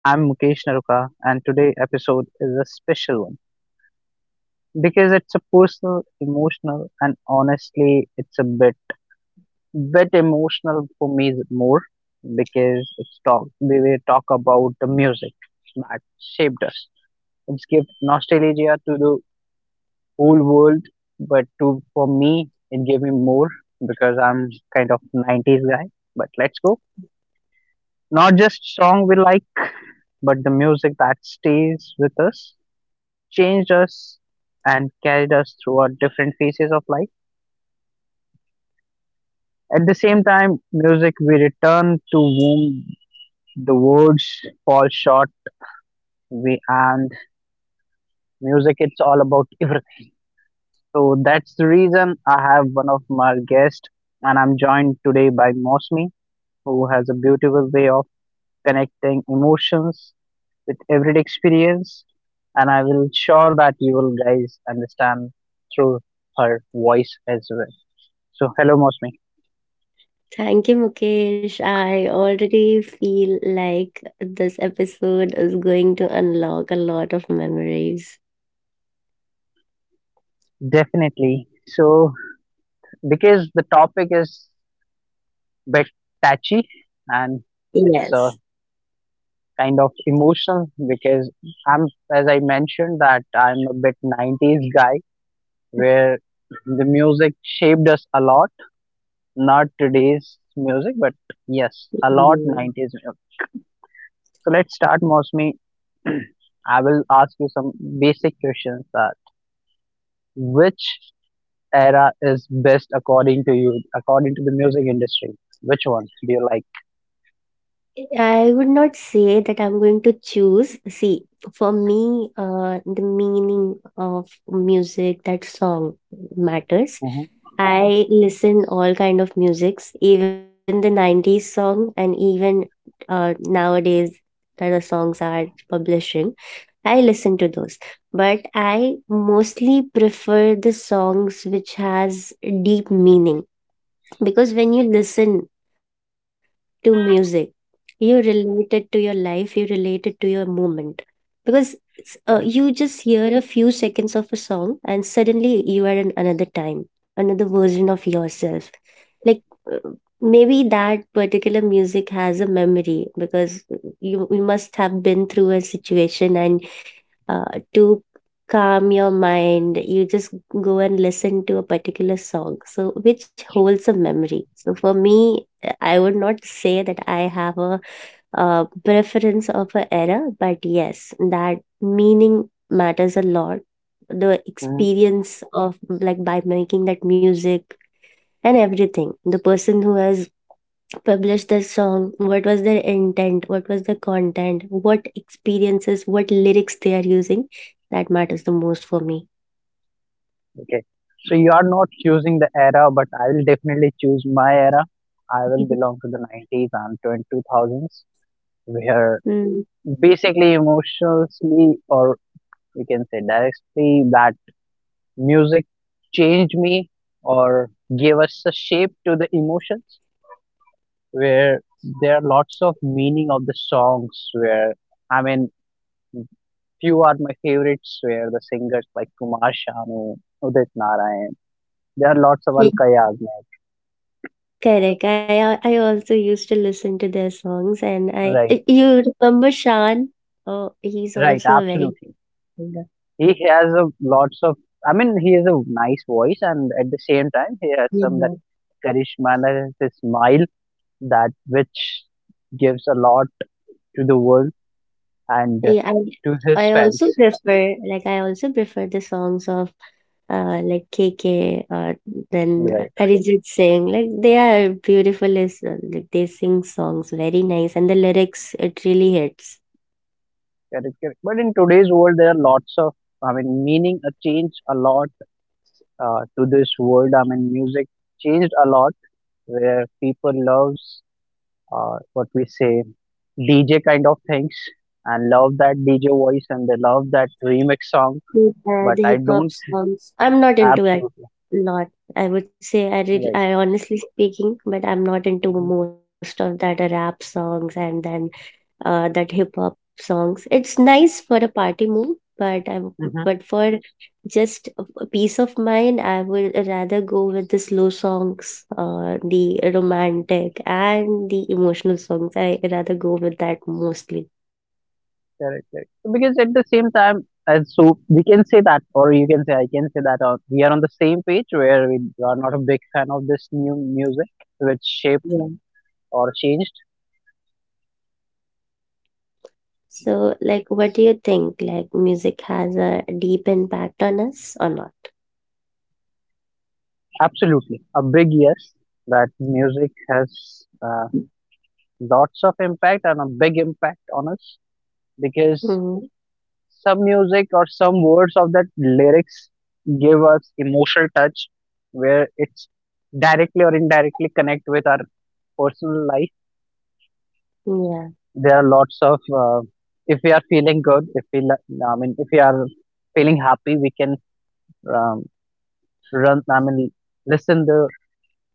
I'm Mukesh Naruka and today episode is a special one because it's a personal, emotional and honestly it's a bit emotional for me more because it's talk we will talk about the music that shaped us. It's give nostalgia to the whole world but to for me it gave me more because I'm kind of nineties guy. But let's go. Not just song we like but the music that stays with us, changed us and carried us through our different phases of life. At the same time, music we return to whom the words fall short. We and music, it's all about everything. So that's the reason I have one of my guests, and I'm joined today by Mosmi, who has a beautiful way of connecting emotions with everyday experience, and I will sure that you will guys understand through her voice as well. So, hello, Mosmi. Thank you, Mukesh. I already feel like this episode is going to unlock a lot of memories. Definitely. So, because the topic is bit touchy and it's a Yes. kind of emotional because I'm, as I mentioned, that I'm a bit 90s guy where the music shaped us a lot. Not today's music, but yes, a lot Mm. 90s. So let's start, Mosmi. I will ask you some basic questions that which era is best according to you, according to the music industry? Which one do you like? I would not say that I'm going to choose. See, for me, the meaning of music, that song matters. hmm I listen all kind of musics, even the 90s song and even nowadays that the songs are publishing. I listen to those, but I mostly prefer the songs which has deep meaning because when you listen to music. You relate it to your life, you relate it to your moment. Because Correct. you just hear a few seconds of a song and suddenly you are in another time, another version of yourself. Like uh, maybe that particular music has a memory because you must have been through a situation and to calm your mind you just go and listen to a particular song so which holds a memory. So for me, I would not say that I have a preference of a era, but yes, that meaning matters a lot. The hmm experience of like by making that music and everything. The person who has published the song, what was their intent, what was the content, what experiences, what lyrics they are using, that matters the most for me. Okay. So you are not choosing the era, but I will definitely choose my era. I will belong to the 90s and 20 2000s, where basically emotionally, or we can say directly that music changed me or gave us a shape to the emotions, where there are lots of meaning of the songs where i mean few are my favorites, where the singers like Kumar Sanu, Udit Narayan, there are lots of Mm. Alka Yagnik. Correct. I also used to listen to their songs, and Right, you remember Shan? Oh, he's right, also a very good absolutely. singer. He has a lots of he has a nice voice, and at the same time he has some that Yeah. charisma and his smile that which gives a lot to the world and, Yeah, I to his I fans. also prefer like I also prefer the songs of like KK then Right, right. Arijit Singh. Like they are beautiful as well. Like they sing songs very nice, and the lyrics it really hits. Correct, correct. But in today's world, there are lots of, I mean, meaning changed a lot to this world. I mean, music changed a lot where people loves, what we say, DJ kind of things, and love that DJ voice, and they love that remix song. But The I hip hop don't, songs. I'm not into it absolutely a lot. I would say I really, I right. honestly speaking, but I'm not into most of that rap songs and then that hip hop songs. It's nice for a party move, but I'm Mhm. but for just a peace of mind, I would rather go with the slow songs, the romantic and the emotional songs. I rather go with that mostly. Correct, correct. So, because at the same time, so we can say that, or you can say I can say that, we are on the same page where we are not a big fan of this new music, which shaped or changed. So, like, what do you think? Like, music has a deep impact on us or not? Absolutely, a big yes, that music has, lots of impact and a big impact on us, because Mm, some music or some words of that lyrics give us emotional touch, where it's directly or indirectly connect with our personal life. yeah. There are lots of, if we are feeling good, if we if we are feeling happy, we can, um, run I mean listen the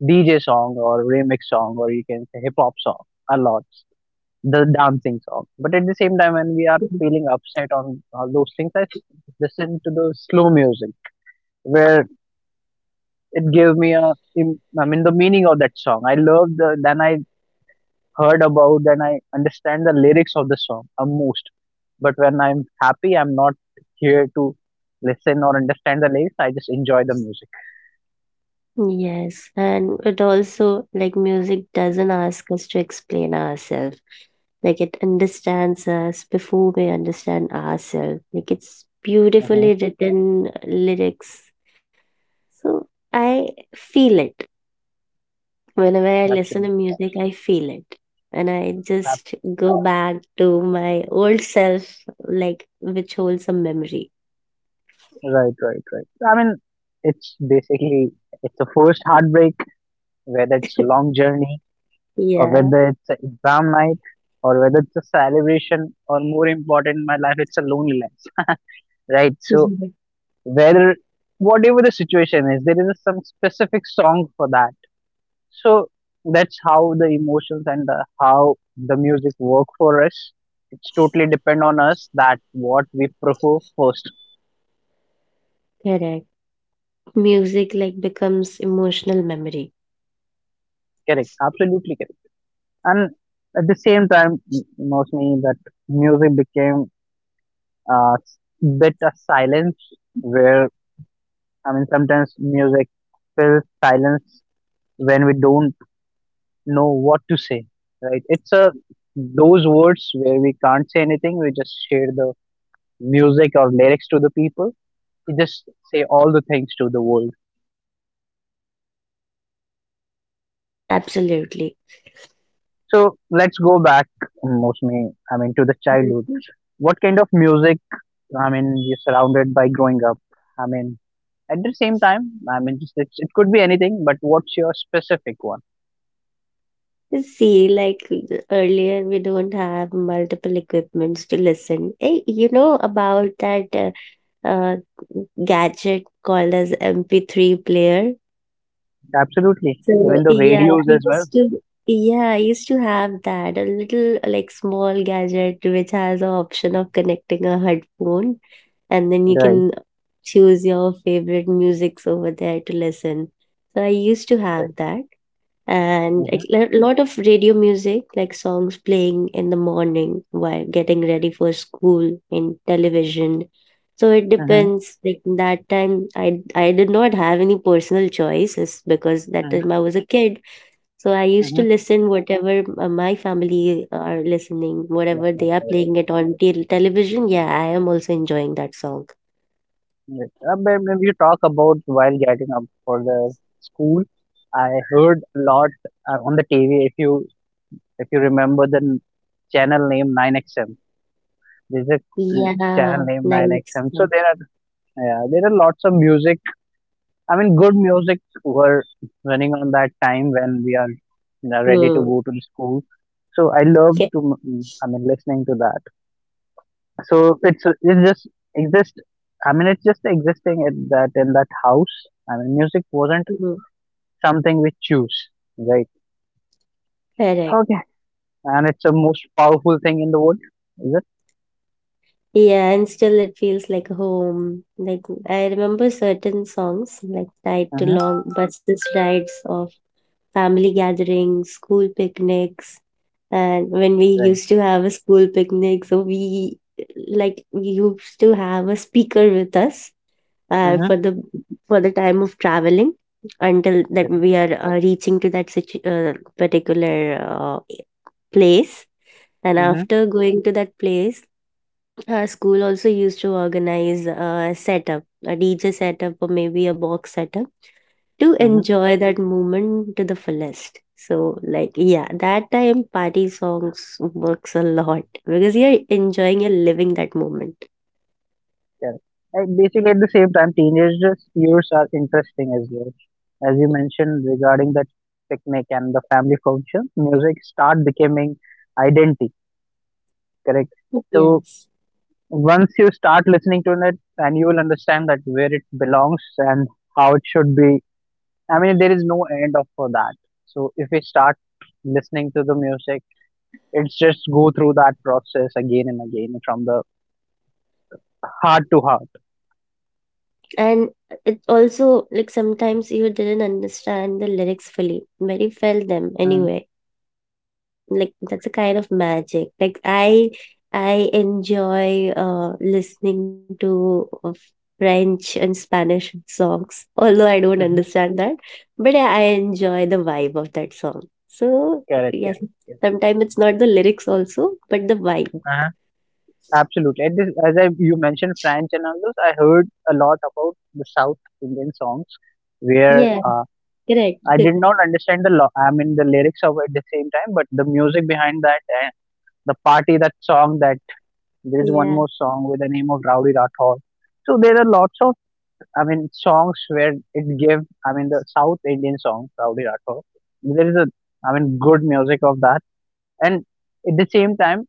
DJ song or remix song, or you can say hip hop song a lot, the dancing song. But at the same time, when we are Mhm. feeling upset on all those things, listen to the slow music, where it gave me a the meaning of that song, I love the, then I heard about and I understand the lyrics of the song, most. But when I'm happy, I'm not here to listen or understand the lyrics. I just enjoy the music. Yes, and it also, like, music doesn't ask us to explain ourselves. Like, it understands us before we understand ourselves. Like, it's hmm beautifully written lyrics. So, I feel it. Whenever I listen Absolutely. to music, I feel it. And I Ab- just go back to my old self, like which holds some memory. Right, right, right. I mean, it's basically it's a first heartbreak, whether it's long journey, or Yeah. whether it's an exam night, or whether it's a celebration, or more important in my life, it's a loneliness. Right. So Mhm. whether whatever the situation is, there is some specific song for that. So that's how the emotions and the, how the music work for us. It's totally depend on us that what we prefer first. Correct. Music like becomes emotional memory. Correct, absolutely correct. And at the same time, most me that music became a bit of silence, where I mean sometimes music fills silence when we don't know what to say. Right? It's a those words where we can't say anything. We just share the music or lyrics to the people, you just say all the things to the world. Absolutely. So let's go back, mostly, I mean, to the childhood. Mhm. What kind of music, I mean, you're surrounded by growing up? I mean, at the same time, I mean, just it's, it could be anything, but what's your specific one? See, like earlier, we don't have multiple equipments to listen. Hey, you know about that uh, gadget called as MP3 player? Absolutely. So Even the yeah, radios as well. I used to have that a little like small gadget which has a option of connecting a headphone and then you Right, can choose your favorite musics over there to listen. So I used to right. have that, and Mm-hmm, a lot of radio music like songs playing in the morning while getting ready for school in television. So it mm-hmm, depends, like that time I did not have any personal choices because that mm-hmm, time I was a kid. So I used to mm-hmm. listen whatever my family are listening, That's whatever not they are right. playing it on television. Yeah, I am also enjoying that song. Yes. But when you talk about while getting up for the school, I heard a lot, on the TV. If you remember the channel name 9XM. There's a mm, Yeah, channel name nice 9XM. one. So there are, yeah, there are lots of music. I mean, good music were running on that time when we are, you know, ready Mm. to go to the school. So I love to, I mean listening to that. So it's just exist. I mean, it's just existing at that in that house. I mean, music wasn't Mm. something we choose, right? Correct. Okay, and it's the most powerful thing in the world, is it? Yeah, and still it feels like home. Like I remember certain songs like tied to Uh-huh. long buses rides of family gatherings, school picnics, and when we Right. used to have a school picnic, so we like we used to have a speaker with us uh, Mm-hmm. for the for the time of traveling until that we are reaching to that particular uh, place, and Mm-hmm. after going to that place our school also used to organize a setup, a dj setup or maybe a box setup, to Mm-hmm. enjoy that moment to the fullest. So like yeah, that time party songs works a lot because you're enjoying, you're living that moment. Correct. And basically, at the same time, teenagers' years are interesting as well. As you mentioned regarding that picnic and the family function, music start becoming identity. Correct. So Yes, once you start listening to it, and you will understand that where it belongs and how it should be. I mean, there is no end of for that. So if we start listening to the music, it's just go through that process again and again from the heart to heart. and it also like sometimes you didn't understand the lyrics fully but you felt them Mm-hmm. anyway, so that's the like that's a kind of magic. Like I enjoy listening to french and spanish songs although I don't understand that, but yeah, I enjoy the vibe of that song. So Correct, correct, yes, correct. sometimes it's not the lyrics also but the vibe. Uh-huh. Absolutely. And this, as you mentioned French and all those, I heard a lot about the South Indian songs where, Yeah, correct. I did not understand the the lyrics of at the same time, but the music behind that and the party that song, that there is one Yeah. more song with the name of Rowdy Rathore. So there are lots of, I mean, songs where it gave, I mean the South Indian song Rowdy Rathore. There is a, I mean, good music of that, and at the same time,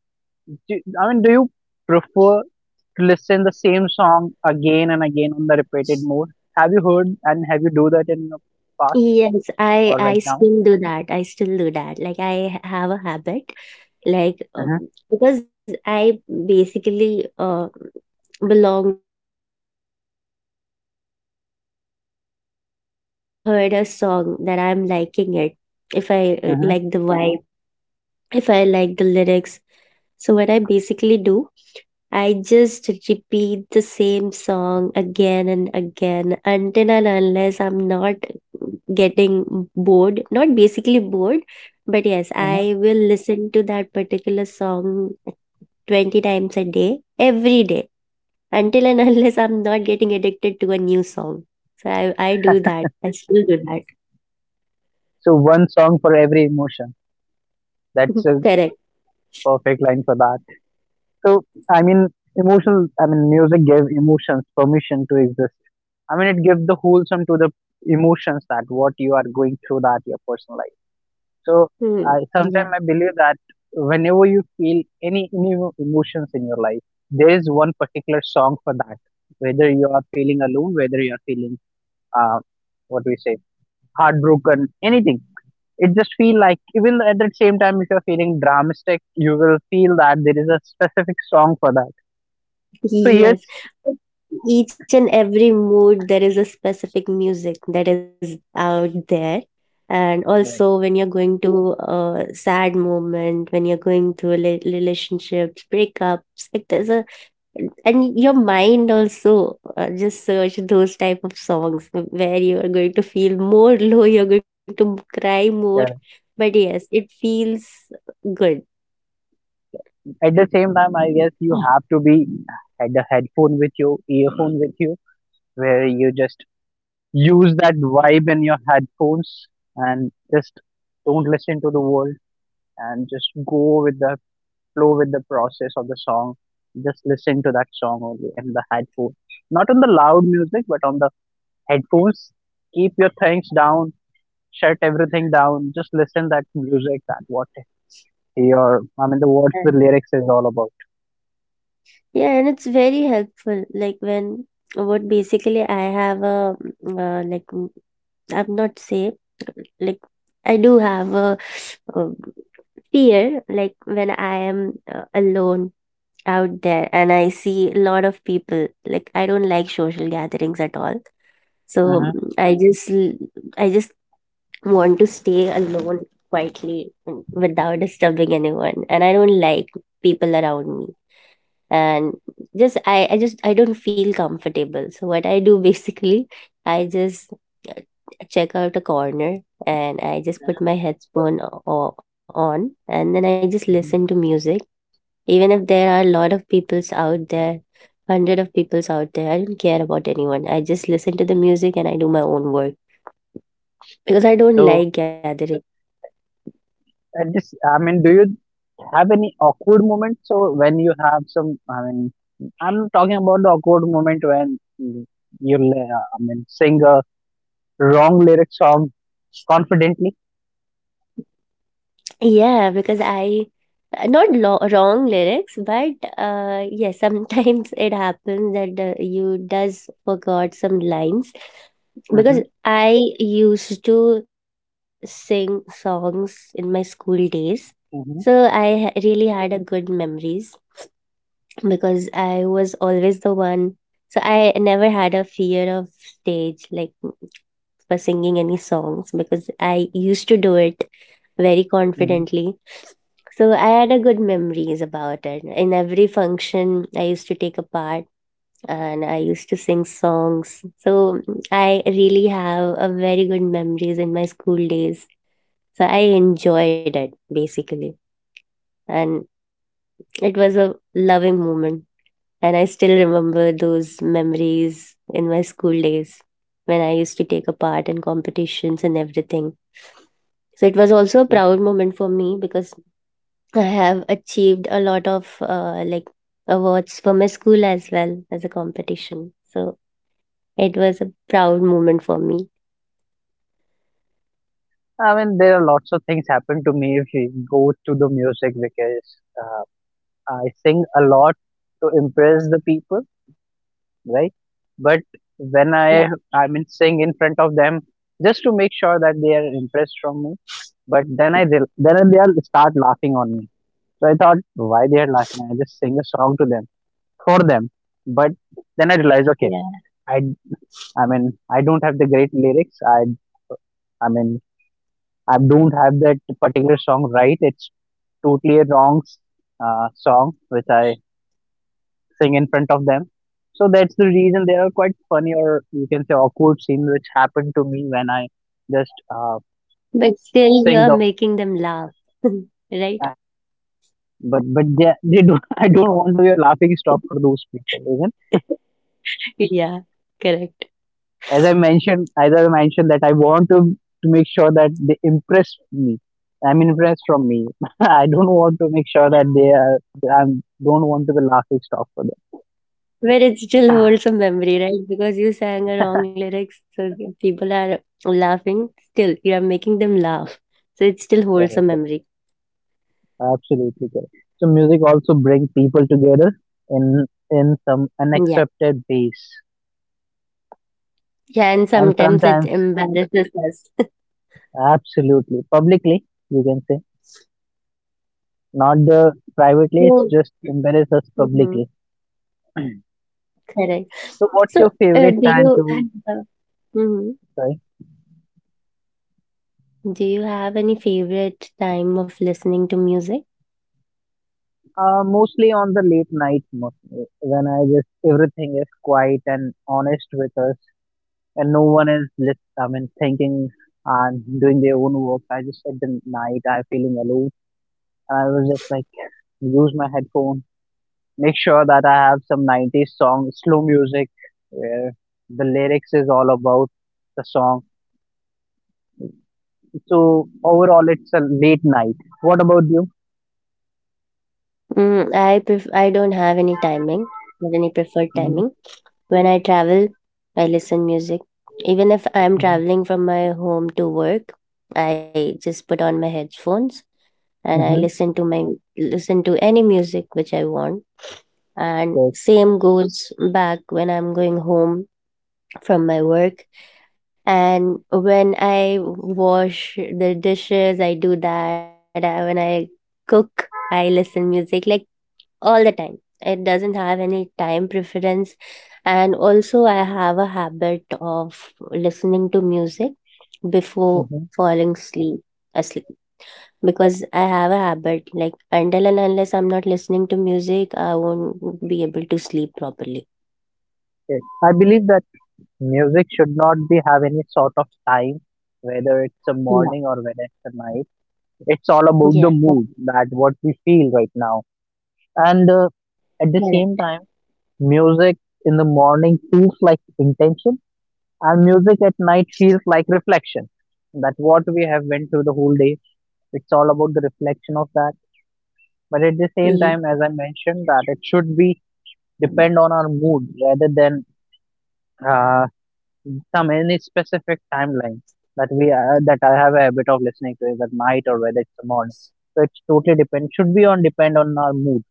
do you prefer to listen the same song again and again on the repeated mode? Have you heard and have you do that in the past Yes, I or I right now? still do that. I still do that. Like I have a habit, like Mhm, because I basically belong to that music fully. So if I just heard a song that I'm liking it, if I mhm, like the vibe, if I like the lyrics, so what I basically do, I just repeat the same song again and again until and unless I'm not getting bored. Not basically bored, but yes, mhm. I will listen to that particular song 20 times a day, every day, until and unless I'm not getting addicted to a new song. So I do that. I still do that. So one song for every emotion. That's a Correct. perfect line for that. So I mean, Yeah. emotional. I mean, music gave emotions permission to exist. I mean, it gives the wholesome to the emotions that what you are going through that your personal life. So I Hmm. sometimes Yeah. I believe that whenever you feel any emotions in your life, there is one particular song for that. Whether you are feeling alone, whether you are feeling, uh, what we say, heartbroken, anything, it just feel like, even at the same time if you are feeling dramatic, you will feel that there is a specific song for that. So Yes. yes, Each and every mood, there is a specific music that is out there. And right, also, when you're going to a sad moment, when you're going through relationships, breakups, like there's a, and your mind also just search those type of songs where you are going to feel more low, you're going to cry more. yeah. But yes, it feels good. At the same time, I guess you have to be had a headphone with you, earphone with you, where you just use that vibe in your headphones and just don't listen to the world and just go with the flow with the process of the song. Just listen to that song only in the headphone, not on the loud music, but on the headphones. Keep your things down, shut everything down. Just listen that music. That what your, I mean the words, the lyrics is all about. Yeah, and it's very helpful. Like when what basically I have a mm, uh, like mm, I'm not say like I do have a, uh fear like when I am alone out there and I see a lot of people. Like I don't like social gatherings at all. So hmm I just want to stay alone quietly, without disturbing anyone, and I don't like people around me, and just I just I don't feel comfortable. So what I do basically, I just uh, check out a corner and I just put my headphone on and then I just hmm listen to music, even if there are a lot of peoples out there, hundred of peoples out there. I don't care about anyone. I just listen to the music and I do my own work because I don't So like gathering. I just, I mean, do you have any awkward moments? So when you have some, I mean, I'm talking about the awkward moment when you li- I mean, sing a wrong lyric song confidently. Yeah, because I not lo wrong lyrics, but yeah, sometimes it happens that you does forgot some lines because hmm I used to sing songs in my school days, so I hmm ha really had a good memories because I was always the one. So I never had a fear of stage, like for singing any songs, because I used to do it very hmm confidently. So I had a good memories about it. In every function, I used to take a part and I used to sing songs. So I really have a very good memories in my school days. So I enjoyed it basically, and it was a loving moment. And I still remember those memories in my school days when I used to take a part in competitions and everything. So it was also a proud moment for me because I have achieved a lot of like awards for my school as well as a competition. So it was a proud moment for me. I mean, there are lots of things happen to me if you go to the music, because, uh, I sing a lot to impress the people. Right? But when Yeah, I mean sing in front of them just to make sure that they are impressed from me, but then I they then they'll start laughing on me. So I thought why they are laughing? I just sing a song to them, for them. But then I realized, okay, yeah. I I mean I don't have the great lyrics. I mean, I don't have that particular song right. It's totally a wrong, song which I sing in front of them. So that's the reason there are quite funny, or you can say awkward scenes which happened to me when I just But still, sing you're the making them laugh, right? but they don't. I don't want to be a laughing stock for those people. Even Yeah, correct. as I mentioned that I want to make sure that they impress me. I'm impressed from me. I don't want to make sure that they are. I don't want to be laughing stock for them. But it still holds a memory, right? Because you sang a wrong lyrics, so the people are laughing. Still, you are making them laugh, so it still holds a Correct. memory. Absolutely correct. So music also brings people together in in some Yeah, unaccepted ways, yeah. And and sometimes it sometimes embarrasses us. absolutely publicly, you can say, not the privately. So, It's just embarrass us mhm. publicly. Correct. So what's So, your favorite do time you have, to? uh, mhm. Sorry. do you have any favorite time of listening to music? Mostly on the late night, mostly when I just everything is quiet and honest with us, and no one is thinking and doing their own work. I just at the night I feeling alone, I was just like use my headphone, make sure that I have some 90s song, slow music where the lyrics is all about the song. So overall, it's a late night. What about you? Mm, I don't have any timing, not any preferred Mhm, timing. When I travel, I listen music. Even if I'm mhm, traveling from my home to work, I just put on my headphones and I mhm. listen to my listen to any music which I want. And Good. same goes back when I'm going home from my work. And when I wash the dishes I do that. When I cook I listen music, like all the time. It doesn't have any time preference. And also I have a habit of listening to music before Mhm, falling asleep because I have a habit like until and unless I'm not listening to music I won't be able to sleep properly. good. I believe that music should not be have any sort of time, whether it's a Yeah, morning or whether it's a night. It's all about the yeah, that's mood that what we feel right now. And At the same correct. time, music in the morning feels like intention, and music at night feels like reflection. That what we have went through the whole day, it's all about the reflection of that. But at the same time, as I mentioned, that it should be depend on our mood rather than uh, some any specific timeline that we that I have a habit of listening to is at night or whether it's the morning. So it's totally depend should be on depend on our mood.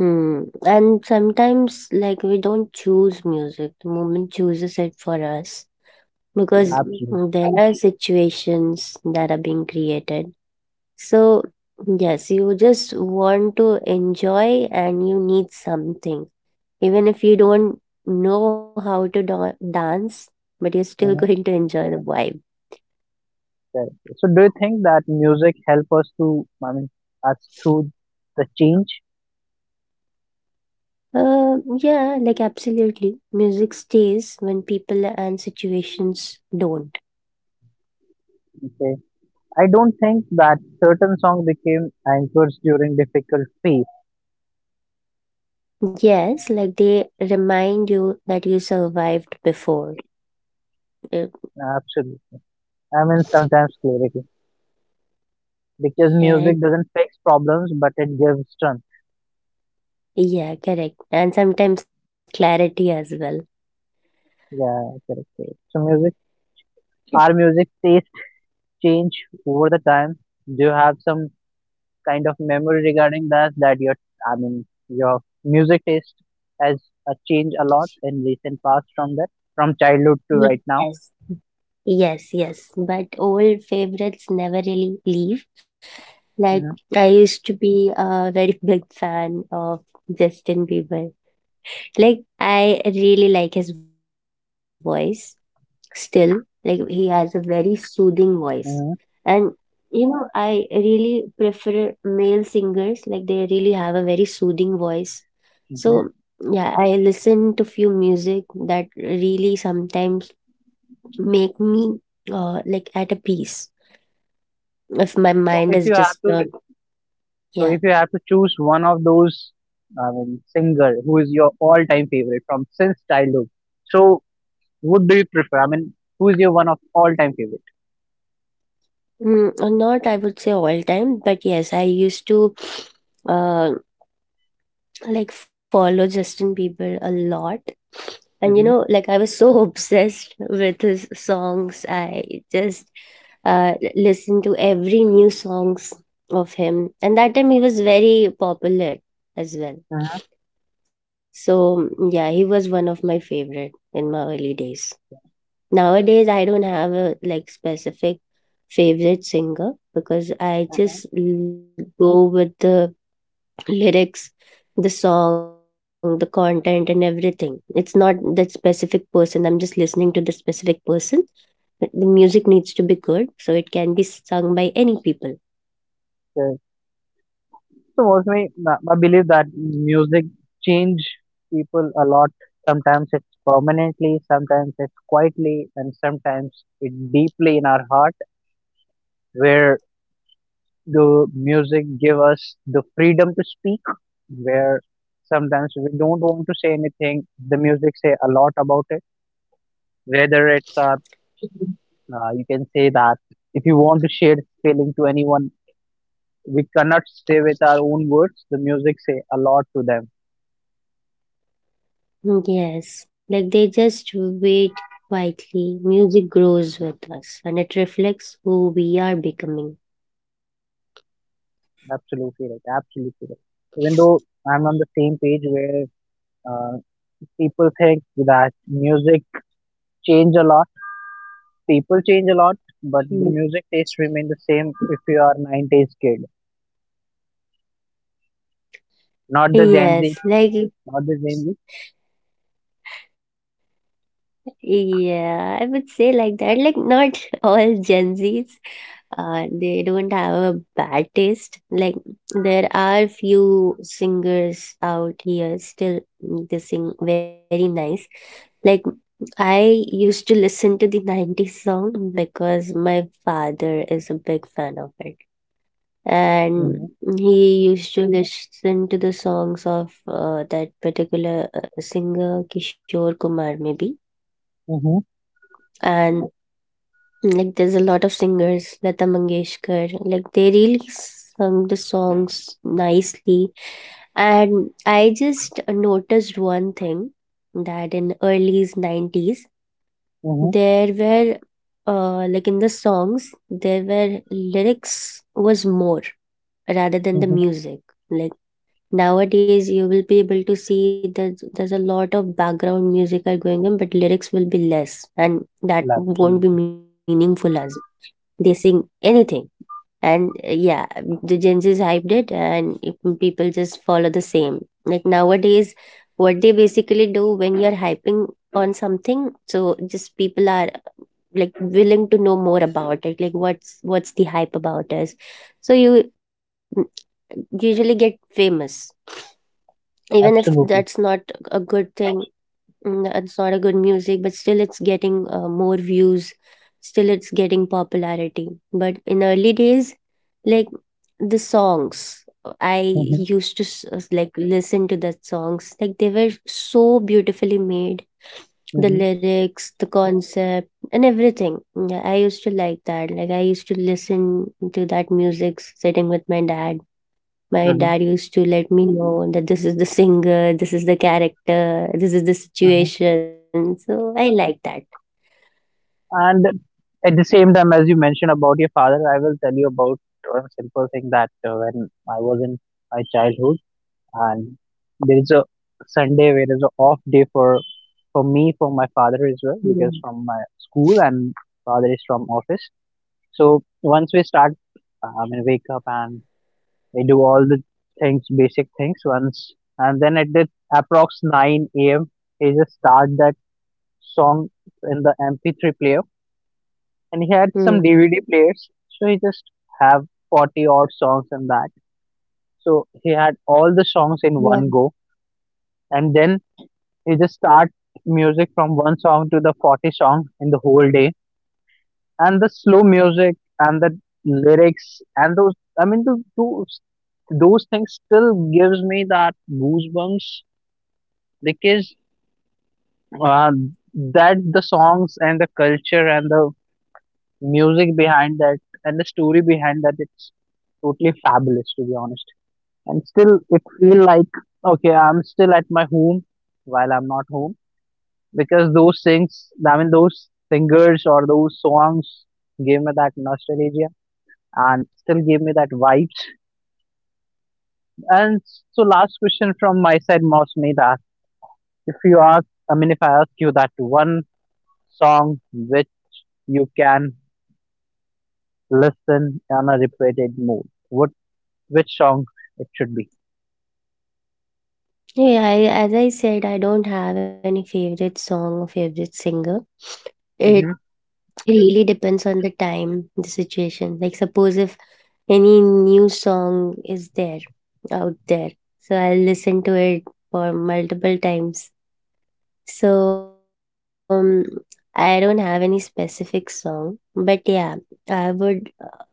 Mm. And sometimes, like, we don't choose music, the moment chooses it for us because Absolutely. There are situations that are being created. So, yes, you just want to enjoy and you need something. Even if you don't know how to da dance, but you're still going Mm-hmm. to enjoy the vibe. Correct. So do you think that music help us to, I mean, us through the change? Yeah, like, absolutely. Music stays when people and situations don't. Okay. I don't think that certain song became anchors during difficult phase. Yes, like they remind you that you survived before. Uh, Absolutely. I mean, sometimes clarity. Because Yeah, music doesn't fix problems, but it gives strength. yeah, correct. And sometimes clarity as well. Yeah, correct, correct. So music, our music taste change over the time. Do you have some kind of memory regarding that your, I mean, your music taste has changed a lot in recent past from that, from childhood to Mm. right now? Yes, yes, yes. But old favorites never really leave. Like Hmm, I used to be a very big fan of Justin Bieber. Like I really like his voice. Still, like he has a very soothing voice. And hmm, I really prefer male singers, like they really have a very soothing voice. So hmm. yeah, I listen to few music that really sometimes make me like at a peace if my so mind if is you have to disturbed. so Yeah. if you have to choose one of those, I mean, singer who is your all time favorite from since childhood, so what do you prefer, I mean, who is your one of all time favorite? Not, I would say, all time, but yes, I used to uh, like follow Justin Bieber a lot. And Mm-hmm. like I was so obsessed with his songs. I just listened to every new songs of him. And that time he was very popular as well. So yeah, he was one of my favorite in my early days. Nowadays, I don't have a like specific favorite singer because I just go with the lyrics, the song, the content, and everything. It's not that specific person. I'm just listening to the specific person. But the music needs to be good, so it can be sung by any people. So mostly, I believe that music change people a lot. Sometimes it's permanently, sometimes it's quietly, and sometimes it deeply in our heart, where the music give us the freedom to speak, where sometimes we don't want to say anything. The music say a lot about it. Whether it's our, Mhm. You can say that, if you want to share feeling to anyone, we cannot say with our own words, the music say a lot to them. Yes, like they just wait quietly. Music grows with us and it reflects who we are becoming. Absolutely right. Absolutely right. Even though I'm on the same page where uh, people think that music change a lot, people change a lot, Mm. but the music taste remain the same if you are 90s kid, not the Gen Z, Yes, like, not the Gen Z. yeah, I would say like that. Like, not all Gen Zs, they don't have a bad taste. Like there are few singers out here still, they sing very nice. Like I used to listen to the 90s song because my father is a big fan of it. Mm-hmm, And he used to listen to the songs of that particular singer Kishore Kumar, maybe. mm-hmm, And like there's a lot of singers, Lata Mangeshkar, like they really sung the songs nicely. And I just noticed one thing that in early 90s mm-hmm, there were like in the songs there were lyrics was more rather mm-hmm. than the music. Like nowadays you will be able to see that there's a lot of background music are going on, but lyrics will be less and that Well, won't be absolutely, meaningful as they sing anything. And yeah, the gen z's hyped it and people just follow the same. Like nowadays what they basically do when you're hyping on something, so just people are like willing to know more about it, like what's the hype about us. So you mm, usually get famous even if that's not absolutely. a good thing. It's not a good music, but still it's getting more views. Still, it's getting popularity. But in early days, like the songs, I Mm-hmm, used to like listen to the songs. Like they were so beautifully made. The mm-hmm, lyrics, the concept, and everything. Yeah, I used to like that. Like I used to listen to that music sitting with my dad. My mm-hmm, dad used to let me know that this is the singer, this is the character, this is the mm-hmm. situation. So I like that. And at the same time, as you mentioned about your father, I will tell you about a simple thing that when I was in my childhood. And there is a Sunday where is a off day for me, for my father as well, because Mhm. from my school and father is from office. So once we start, wake up and we do all the things basic things once, and then at the approx nine a.m. he just start that song in the MP3 player, and he had some Mm. DVD players, so he just have 40 odd songs in that. So he had all the songs in Yeah. one go, and then you just start music from one song to the 40th song in the whole day, and the slow music and the lyrics and those I mean those things still gives me that goosebumps, because uh, that the songs and the culture and the music behind that and the story behind that, it's totally fabulous, to be honest. And still it feel like, okay, I'm still at my home while I'm not home, because those things, I mean, those singers or those songs gave me that nostalgia and still gave me that vibes. And so, last question from my side, Mausmita. If you ask, I mean, if I ask you that one song which you can listen on a repeated mode, what which song it should be? Yeah, as I said, I don't have any favorite song or favorite singer. It really depends on the time, the situation. Like, suppose if any new song is there, out there, so I'll listen to it for multiple times. So, I don't have any specific song, but yeah, I would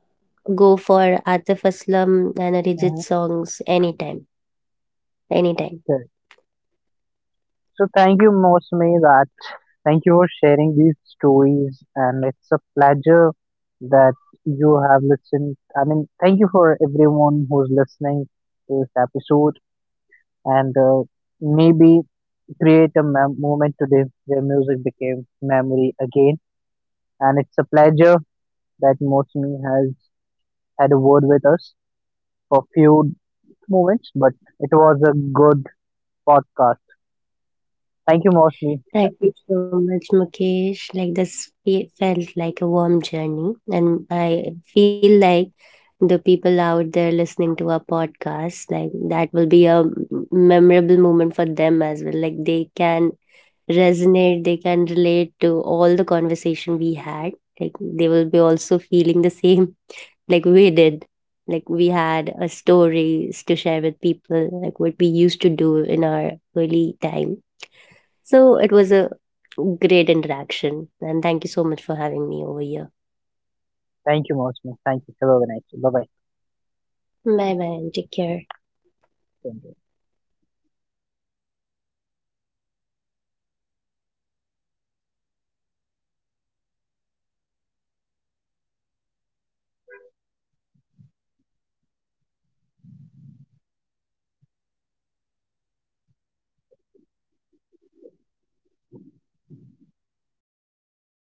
go for Atif Aslam and Arijit Mm-hmm. songs anytime, anytime. So thank you, Mosme, that thank you for sharing these stories, and it's a pleasure that you have listened. I mean, thank you for everyone who's listening to this episode, and maybe create a moment today where music became memory again. And it's a pleasure that Mosme has had a word with us for few moments, but it was a good podcast. Thank you, Mosme. Thank you so much, Mukesh. Like this felt like a warm journey, and I feel like the people out there listening to our podcast, like that will be a memorable moment for them as well. Like they can resonate, they can relate to all the conversation we had. Like they will be also feeling the same like we did, like we had a stories to share with people like what we used to do in our early time. So it was a great interaction and thank you so much for having me over here. Thank you, Mosme. Thank you. Have a nice day. Bye Bye bye and take care. bye.